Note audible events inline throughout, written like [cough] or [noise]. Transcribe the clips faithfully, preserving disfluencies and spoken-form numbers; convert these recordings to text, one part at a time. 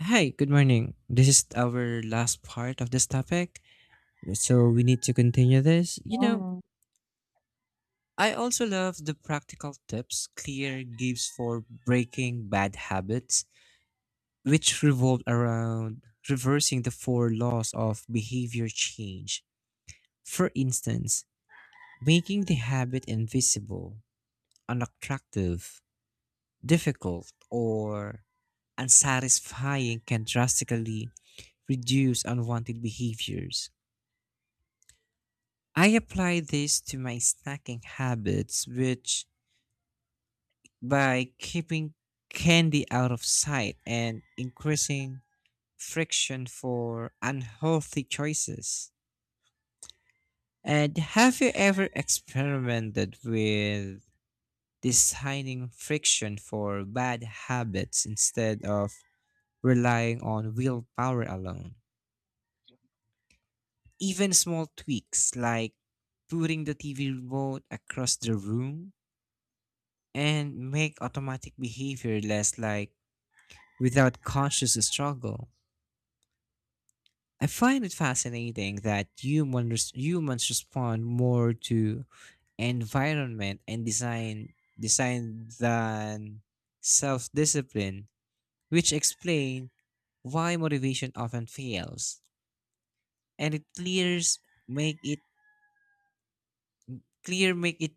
Hi, good morning. This is our last part of this topic, so we need to continue this. You know, Mm, I also love the practical tips Clear gives for breaking bad habits, which revolve around reversing the four laws of behavior change. For instance, making the habit invisible, unattractive, difficult, or unsatisfying can drastically reduce unwanted behaviors. I apply this to my snacking habits, which by keeping candy out of sight and increasing friction for unhealthy choices. And have you ever experimented with designing friction for bad habits instead of relying on willpower alone? Even small tweaks like putting the T V remote across the room and make automatic behavior less like without conscious struggle. I find it fascinating that humans humans respond more to environment and design design than self-discipline, which explain why motivation often fails. And it clears make it clear make it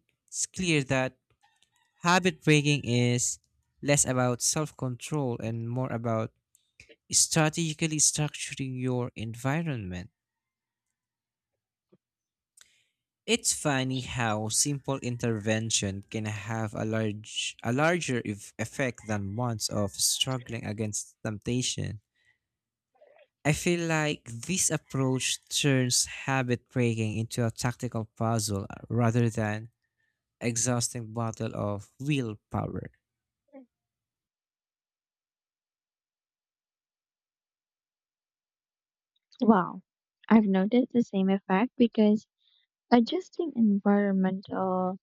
clear that habit breaking is less about self-control and more about strategically structuring your environment. It's funny how simple intervention can have a large a larger eff- effect than months of struggling against temptation. I feel like this approach turns habit breaking into a tactical puzzle rather than exhausting battle of willpower. Wow, I've noticed the same effect because adjusting environmental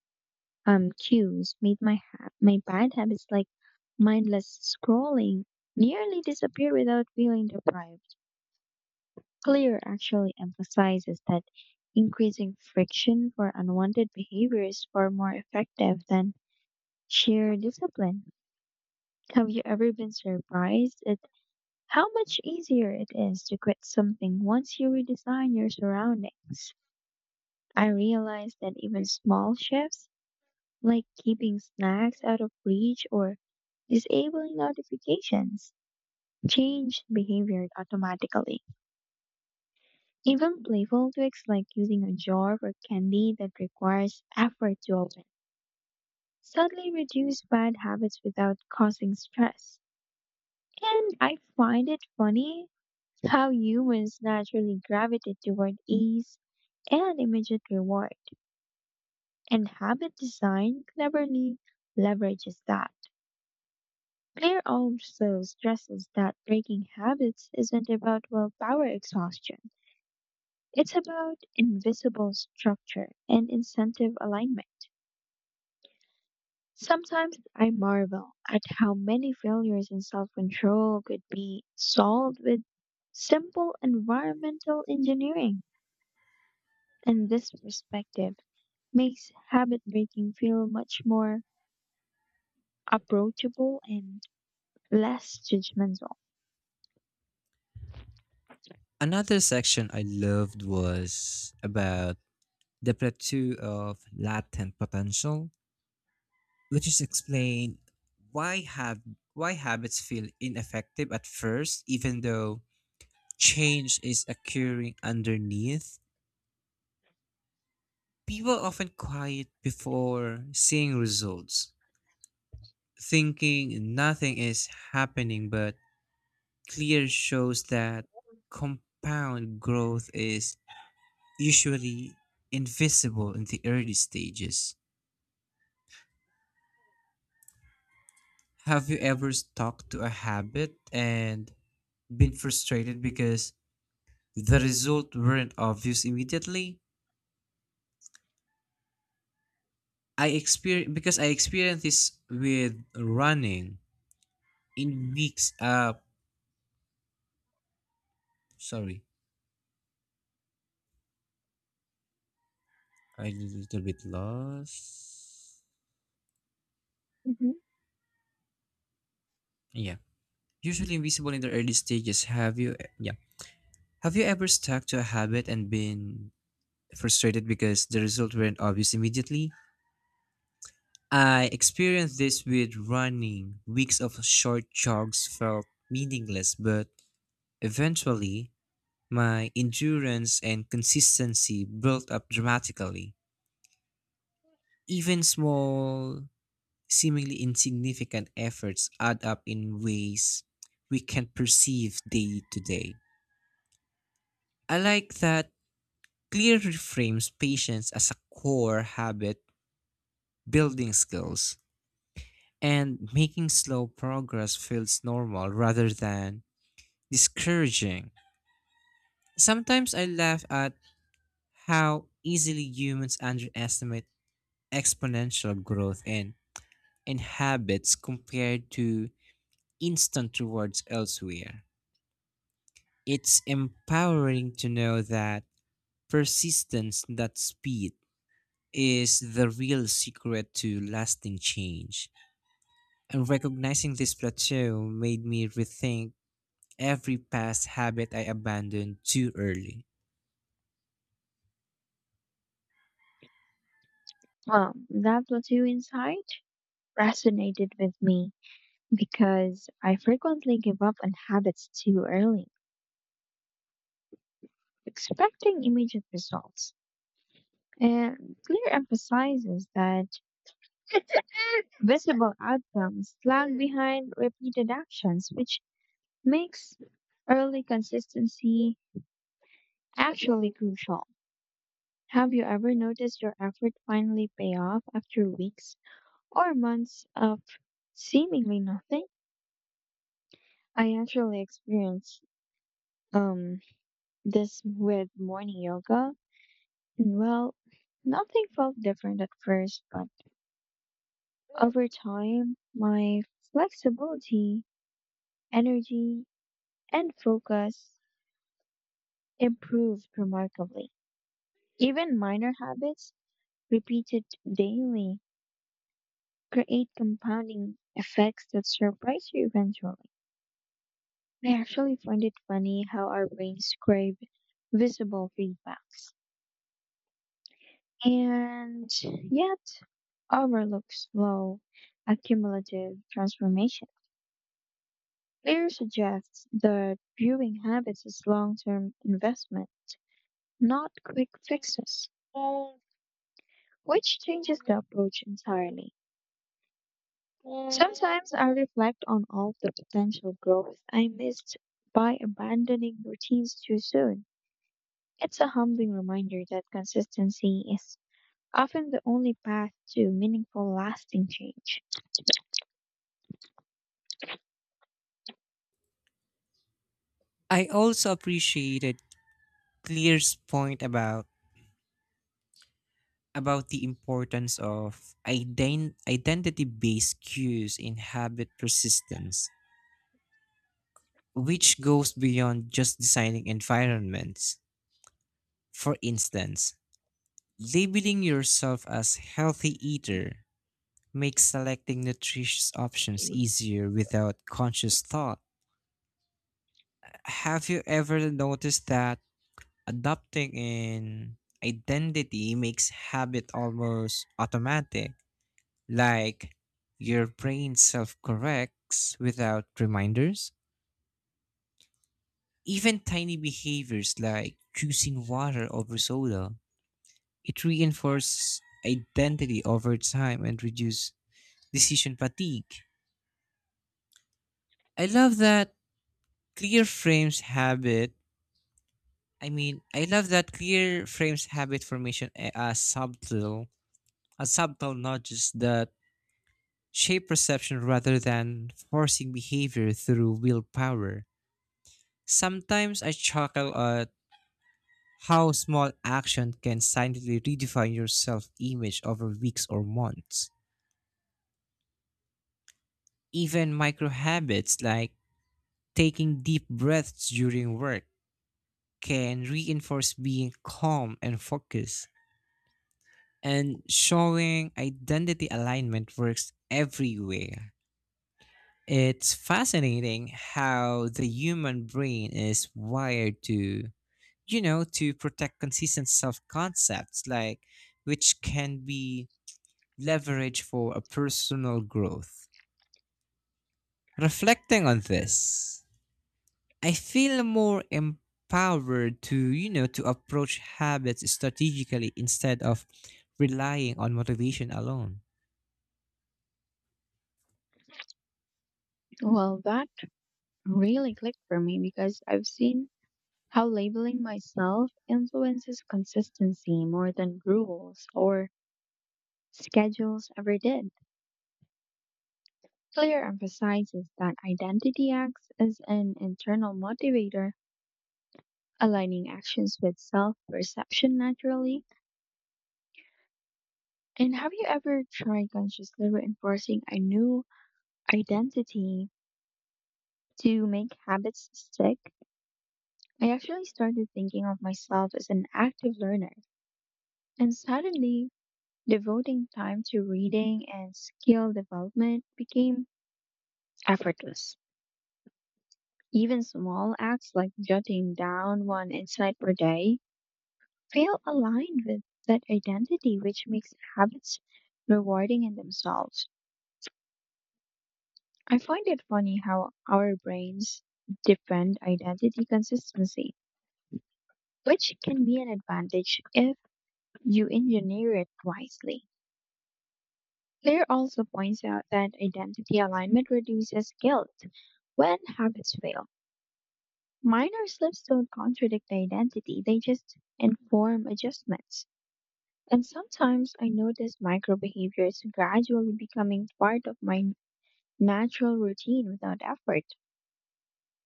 um cues made my ha- my bad habits like mindless scrolling nearly disappear without feeling deprived. Clear actually emphasizes that increasing friction for unwanted behavior is far more effective than sheer discipline. Have you ever been surprised at how much easier it is to quit something once you redesign your surroundings? I realized that even small shifts, like keeping snacks out of reach or disabling notifications, change behavior automatically. Even playful tricks like using a jar for candy that requires effort to open suddenly reduce bad habits without causing stress. And I find it funny how humans naturally gravitate toward ease and immediate reward, and habit design cleverly leverages that. Claire also stresses that breaking habits isn't about willpower exhaustion. It's about invisible structure and incentive alignment. Sometimes I marvel at how many failures in self control could be solved with simple environmental engineering. And this perspective makes habit breaking feel much more approachable and less judgmental. Another section I loved was about the plateau of latent potential, which is explain why have why habits feel ineffective at first, even though change is occurring underneath. People often quiet before seeing results, thinking nothing is happening, but clear shows that compound growth is usually invisible in the early stages. Have you ever stuck to a habit and been frustrated because the result weren't obvious immediately? I experienced because I experienced this with running in weeks. Uh, sorry, I did a little bit lost. hmm Yeah, usually invisible in the early stages. Have you? Yeah, have you ever stuck to a habit and been frustrated because the result weren't obvious immediately? I experienced this with running. Weeks of short jogs felt meaningless, but eventually my endurance and consistency built up dramatically. Even small, seemingly insignificant efforts add up in ways we can't perceive day to day. I like that clear reframes patience as a core habit building skills and making slow progress feels normal rather than discouraging. Sometimes I laugh at how easily humans underestimate exponential growth and and habits compared to instant rewards elsewhere. It's empowering to know that persistence, not speed, is the real secret to lasting change. And recognizing this plateau made me rethink every past habit I abandoned too early. Well, that was you inside, resonated with me because I frequently give up on habits too early, expecting immediate results. And Clear emphasizes that visible outcomes lag behind repeated actions, which makes early consistency actually crucial. Have you ever noticed your effort finally pay off after weeks or months of seemingly nothing? I actually experienced um this with morning yoga. Well, nothing felt different at first, but over time, my flexibility, energy, and focus improved remarkably. Even minor habits repeated daily create compounding effects that surprise you eventually. I actually find it funny how our brains crave visible feedbacks. And yet, overlooks slow, accumulative transformation. Clear suggests that viewing habits as long term investment, not quick fixes, which changes the approach entirely. Sometimes I reflect on all the potential growth I missed by abandoning routines too soon. It's a humbling reminder that consistency is often the only path to meaningful, lasting change. I also appreciated Clear's point about about the importance of ident- identity-based cues in habit persistence, which goes beyond just designing environments. For instance, labeling yourself as healthy eater makes selecting nutritious options easier without conscious thought. Have you ever noticed that adopting an identity makes habit almost automatic? Like your brain self corrects without reminders. Even tiny behaviors like choosing water over soda, it reinforces identity over time and reduces decision fatigue. I love that clear frames habit. I mean, I love that clear frames habit formation a- as subtle, as subtle nudges that shape perception rather than forcing behavior through willpower. Sometimes I chuckle at how small action can silently redefine your self image over weeks or months. Even micro habits like taking deep breaths during work can reinforce being calm and focused. And showing identity alignment works everywhere. It's fascinating how the human brain is wired to you know, to protect consistent self concepts, like which can be leveraged for a personal growth. Reflecting on this, I feel more empowered to, you know, to approach habits strategically instead of relying on motivation alone. Well, that really clicked for me because I've seen how labeling myself influences consistency more than rules or schedules ever did. Clear emphasizes that identity acts as an internal motivator, aligning actions with self perception naturally. And have you ever tried consciously reinforcing a new identity to make habits stick? I actually started thinking of myself as an active learner, and suddenly devoting time to reading and skill development became effortless. Even small acts like jotting down one insight per day feel aligned with that identity, which makes habits rewarding in themselves. I find it funny how our brains defend identity consistency, which can be an advantage if you engineer it wisely. Claire also points out that identity alignment reduces guilt when habits fail. Minor slips don't contradict identity, they just inform adjustments. And sometimes I notice micro behaviors gradually becoming part of my natural routine without effort.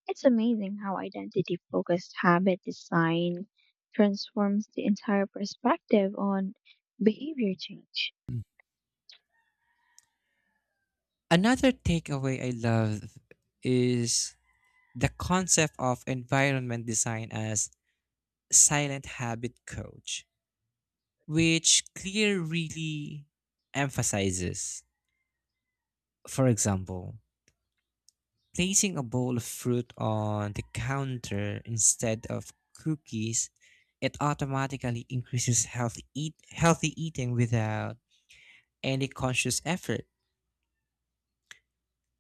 It's amazing how identity focused habit design transforms the entire perspective on behavior change. Another takeaway I love is the concept of environment design as silent habit coach, which Clear really emphasizes. For example, placing a bowl of fruit on the counter instead of cookies, it automatically increases healthy eat healthy eating without any conscious effort.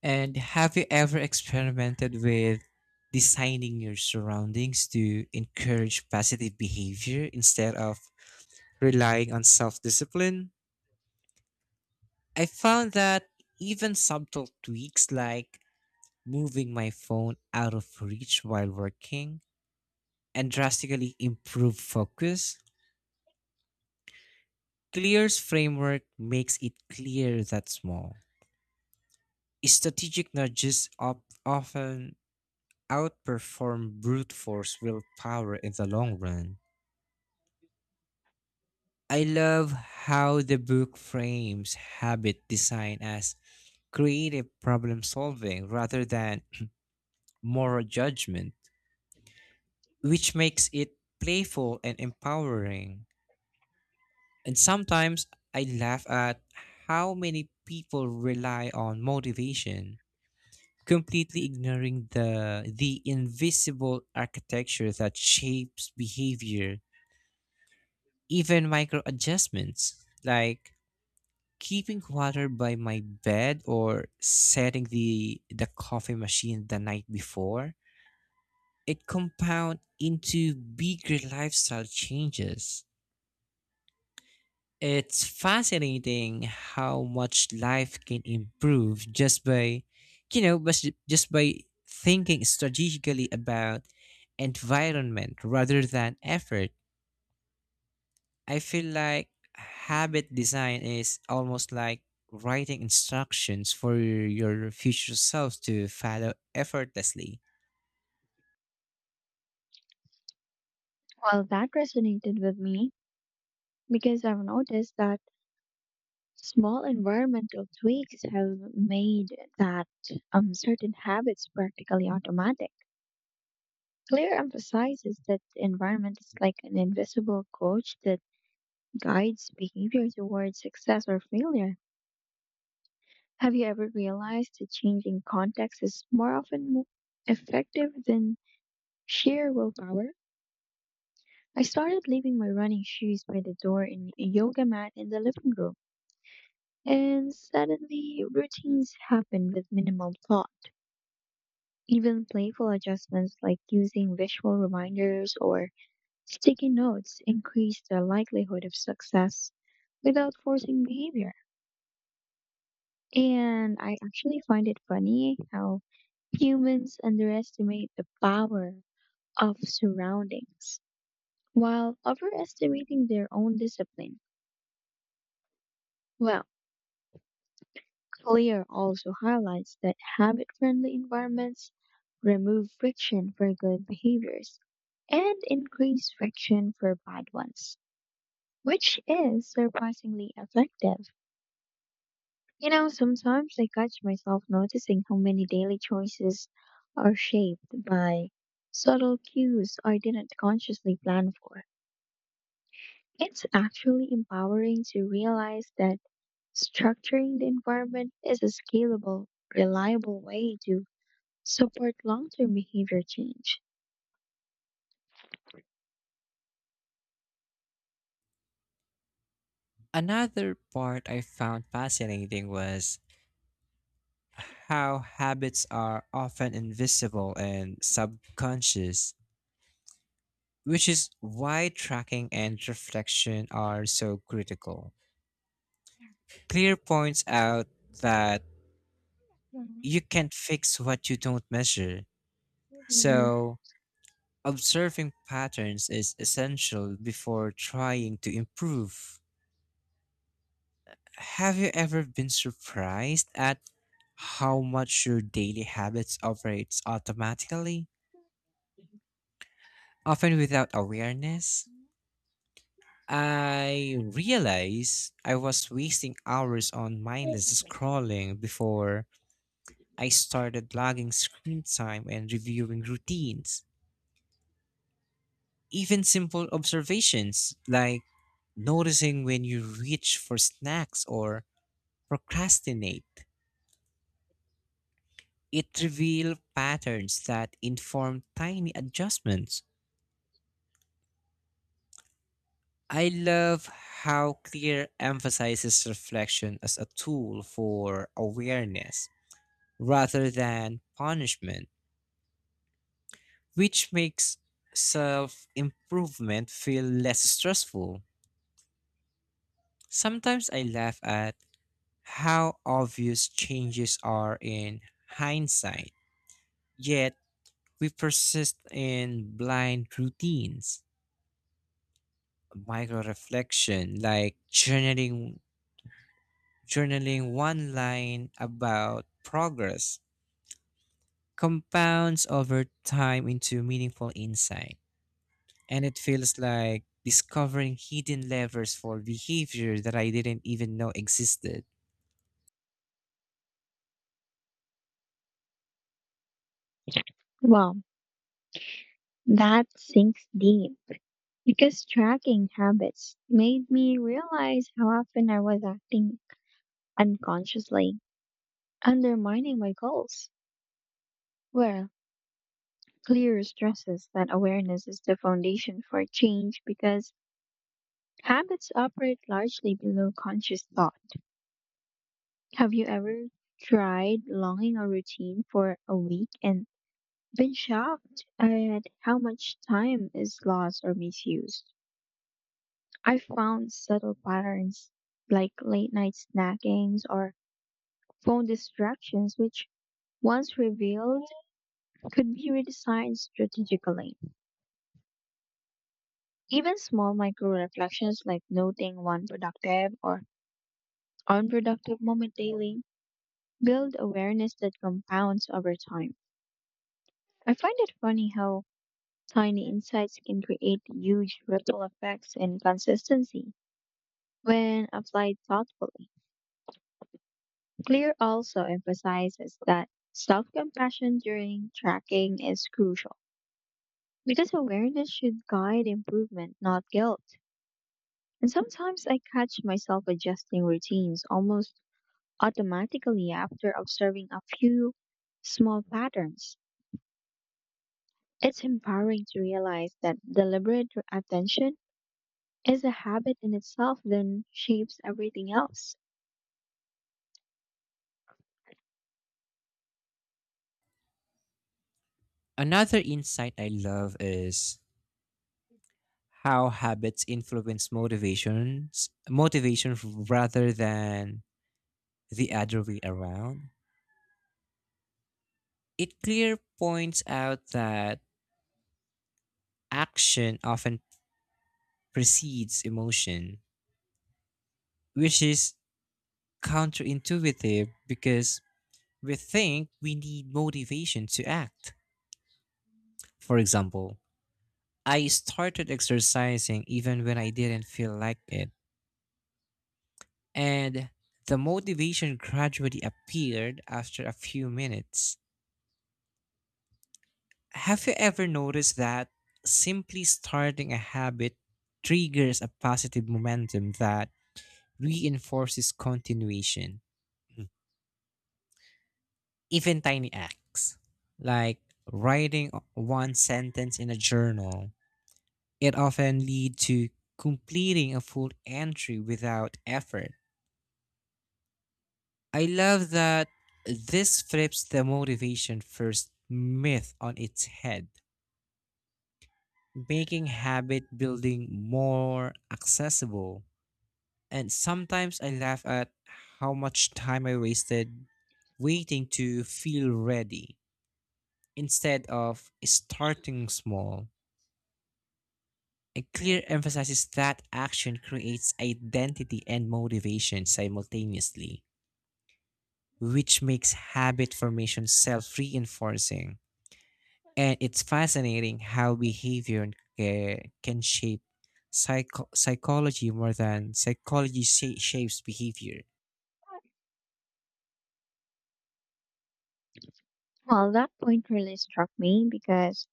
And have you ever experimented with designing your surroundings to encourage positive behavior instead of relying on self discipline? I found that even subtle tweaks like moving my phone out of reach while working and drastically improve focus. Clear's framework makes it clear that small strategic nudges op- often outperform brute force willpower in the long run. I love how the book frames habit design as creative problem solving rather than moral judgment, which makes it playful and empowering. And sometimes I laugh at how many people rely on motivation, completely ignoring the the invisible architecture that shapes behavior. Even micro adjustments like keeping water by my bed or setting the the coffee machine the night before, it compound into bigger lifestyle changes. It's fascinating how much life can improve just by you know bus- just by thinking strategically about environment rather than effort. I feel like habit design is almost like writing instructions for your future self to follow effortlessly. Well, that resonated with me because I've noticed that small environmental tweaks have made that um, certain habits practically automatic. Clear emphasizes that the environment is like an invisible coach that guides behavior towards success or failure. Have you ever realized that changing context is more often mo- effective than sheer willpower? I started leaving my running shoes by the door and a yoga mat in the living room, and suddenly routines happen with minimal thought. Even playful adjustments like using visual reminders or sticky notes increase the likelihood of success without forcing behavior. And I actually find it funny how humans underestimate the power of surroundings while overestimating their own discipline. Well, Clear also highlights that habit friendly environments remove friction for good behaviors and increase friction for bad ones, which is surprisingly effective. You know, sometimes I catch myself noticing how many daily choices are shaped by subtle cues I didn't consciously plan for. It's actually empowering to realize that structuring the environment is a scalable, reliable way to support long term behavior change. Another part I found fascinating was how habits are often invisible and subconscious, which is why tracking and reflection are so critical. Clear points out that you can't fix what you don't measure, Mhm. so observing patterns is essential before trying to improve. Have you ever been surprised at how much your daily habits operates automatically, often without awareness? I realized I was wasting hours on mindless scrolling before I started logging screen time and reviewing routines. Even simple observations like noticing when you reach for snacks or procrastinate. It revealed patterns that inform tiny adjustments. I love how Clear emphasizes reflection as a tool for awareness rather than punishment, which makes self improvement feel less stressful. Sometimes I laugh at how obvious changes are in hindsight, yet we persist in blind routines. Micro reflection, like journaling, journaling one line about progress, compounds over time into meaningful insight, and it feels like discovering hidden levers for behavior that I didn't even know existed. Wow, that sinks deep, because tracking habits made me realize how often I was acting unconsciously, undermining my goals. Well, clear stresses that awareness is the foundation for change because habits operate largely below conscious thought. Have you ever tried longing a routine for a week and been shocked at how much time is lost or misused? I found subtle patterns like late night snackings or phone distractions, which once revealed, could be redesigned strategically. Even small micro reflections like noting one productive or unproductive moment daily build awareness that compounds over time. I find it funny how tiny insights can create huge ripple effects in consistency when applied thoughtfully. Clear also emphasizes that self compassion during tracking is crucial, because awareness should guide improvement, not guilt. And sometimes I catch myself adjusting routines almost automatically after observing a few small patterns. It's empowering to realize that deliberate attention is a habit in itself that shapes everything else. Another insight I love is how habits influence motivations, motivation rather than the other way around. It clear points out that action often precedes emotion, which is counterintuitive because we think we need motivation to act. For example, I started exercising even when I didn't feel like it, and the motivation gradually appeared after a few minutes. Have you ever noticed that simply starting a habit triggers a positive momentum that reinforces continuation? Even tiny acts like writing one sentence in a journal, it often lead to completing a full entry without effort. I love that this flips the motivation first myth on its head, making habit building more accessible. And sometimes I laugh at how much time I wasted waiting to feel ready instead of starting small. A clear emphasizes that action creates identity and motivation simultaneously, which makes habit formation self reinforcing. And it's fascinating how behavior uh, can shape psycho- psychology more than psychology sha- shapes behavior. Well, that point really struck me because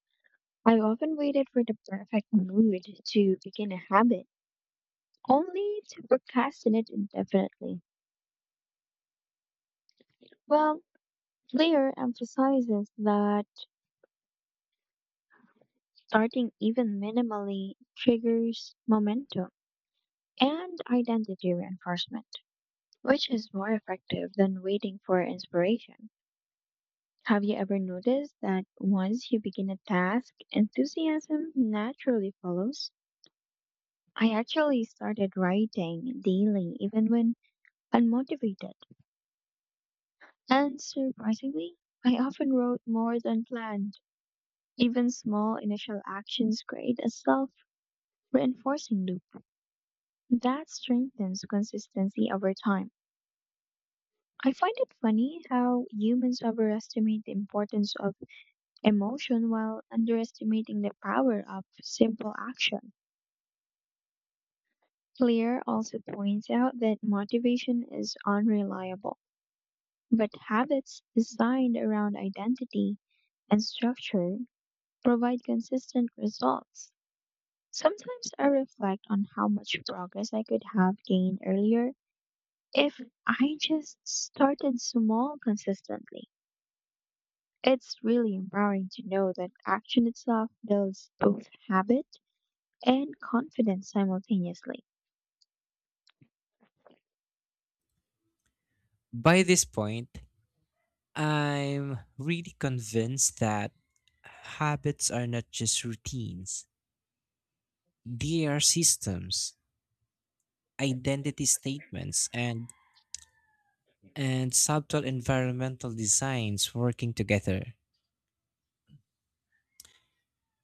I often waited for the perfect mood to begin a habit, only to procrastinate indefinitely. Well, Blair emphasizes that starting even minimally triggers momentum and identity reinforcement, which is more effective than waiting for inspiration. Have you ever noticed that once you begin a task, enthusiasm naturally follows? I actually started writing daily even when unmotivated, and surprisingly, I often wrote more than planned. Even small initial actions create a self reinforcing loop that strengthens consistency over time. I find it funny how humans overestimate the importance of emotion while underestimating the power of simple action. Clear also points out that motivation is unreliable, but habits designed around identity and structure provide consistent results. Sometimes I reflect on how much progress I could have gained earlier if I just started small consistently. It's really empowering to know that action itself builds both habit and confidence simultaneously. By this point, I'm really convinced that habits are not just routines, they are systems, identity statements, and and subtle environmental designs working together.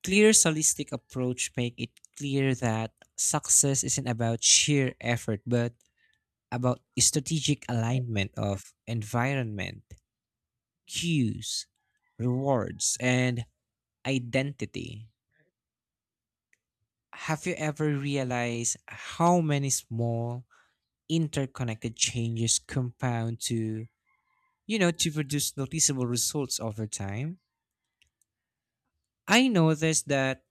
Clear holistic approach make it clear that success isn't about sheer effort but about strategic alignment of environment, cues, rewards, and identity. Have you ever realized how many small interconnected changes compound to, you know, to produce noticeable results over time? I noticed that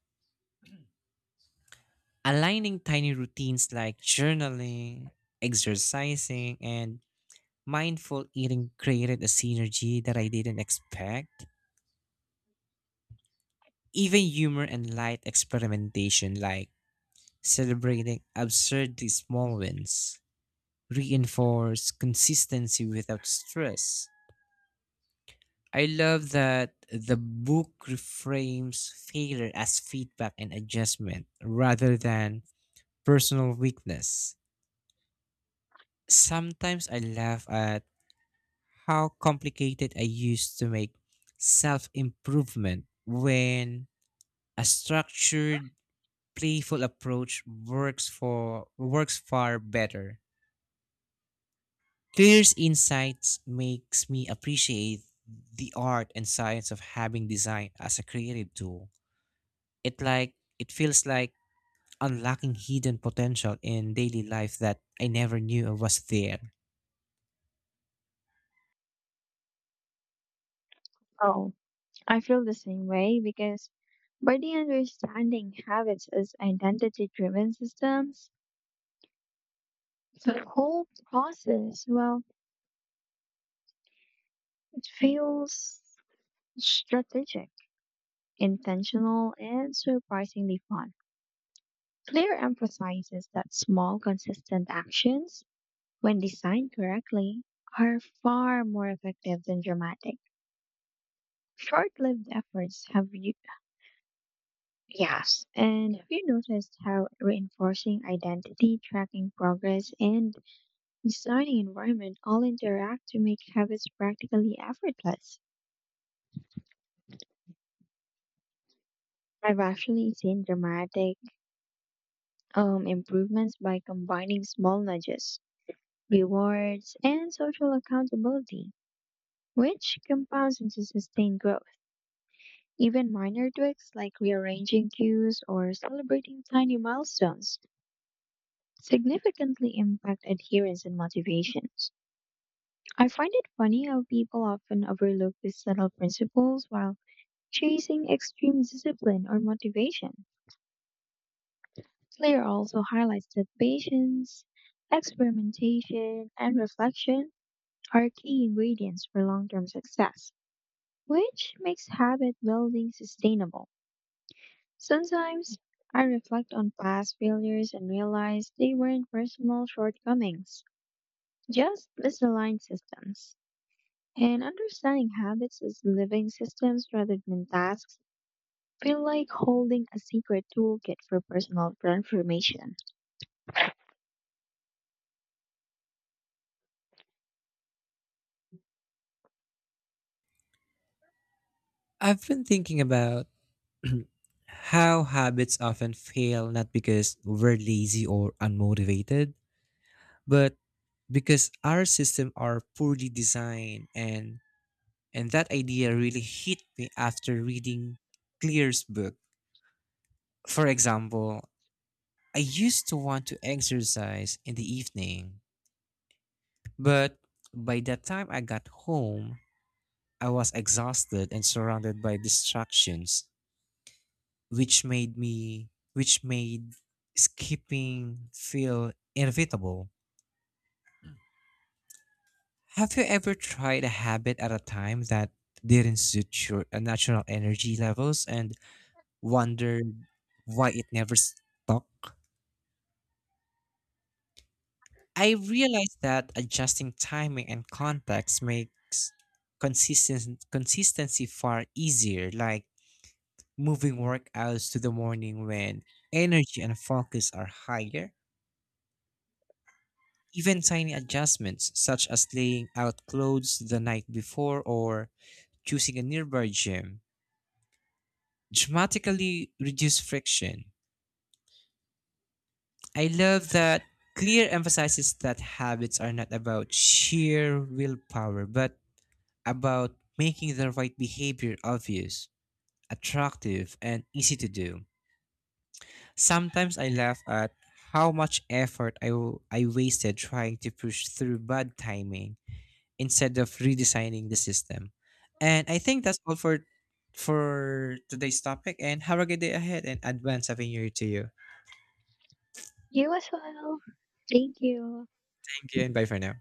aligning tiny routines like journaling, exercising, and mindful eating created a synergy that I didn't expect. Even humor and light experimentation, like celebrating absurdly small wins, reinforce consistency without stress. I love that the book reframes failure as feedback and adjustment rather than personal weakness. Sometimes I laugh at how complicated I used to make self improvement when a structured, playful approach works for works far better. Clear's insights makes me appreciate the art and science of having design as a creative tool. It like it feels like unlocking hidden potential in daily life that I never knew was there. Oh, I feel the same way because by the understanding habits as identity driven systems, the whole process, well, it feels strategic, intentional and surprisingly fun. Claire emphasizes that small, consistent actions, when designed correctly, are far more effective than dramatic, short-lived efforts. Have you and have you noticed how reinforcing identity, tracking progress, and designing environment all interact to make habits practically effortless? I've actually seen dramatic um, improvements by combining small nudges, rewards, and social accountability, which compounds into sustained growth. Even minor tweaks like rearranging cues or celebrating tiny milestones significantly impact adherence and motivations. I find it funny how people often overlook these subtle principles while chasing extreme discipline or motivation. Slayer also highlights that patience, experimentation, and reflection are key ingredients for long term success, which makes habit building sustainable. Sometimes I reflect on past failures and realize they weren't personal shortcomings, just misaligned systems. And understanding habits as living systems rather than tasks feel like holding a secret toolkit for personal transformation. I've been thinking about [clears throat] how habits often fail not because we're lazy or unmotivated, but because our systems are poorly designed, and and that idea really hit me after reading Clear's book. For example, I used to want to exercise in the evening, but by the time I got home, I was exhausted and surrounded by distractions, which made me which made skipping feel inevitable. Have you ever tried a habit at a time that didn't suit your uh, natural energy levels and wondered why it never stuck? I realized that adjusting timing and context makes consistent consistency far easier. Like moving workouts to the morning when energy and focus are higher. Even tiny adjustments, such as laying out clothes the night before or choosing a nearby gym, dramatically reduce friction. I love that Clear emphasizes that habits are not about sheer willpower, but about making the right behavior obvious, attractive, and easy to do. Sometimes I laugh at how much effort I, w- I wasted trying to push through bad timing instead of redesigning the system. And I think that's all for for today's topic, and have a good day ahead and advance happy new year to you. You as well. Thank you. Thank you and bye for now.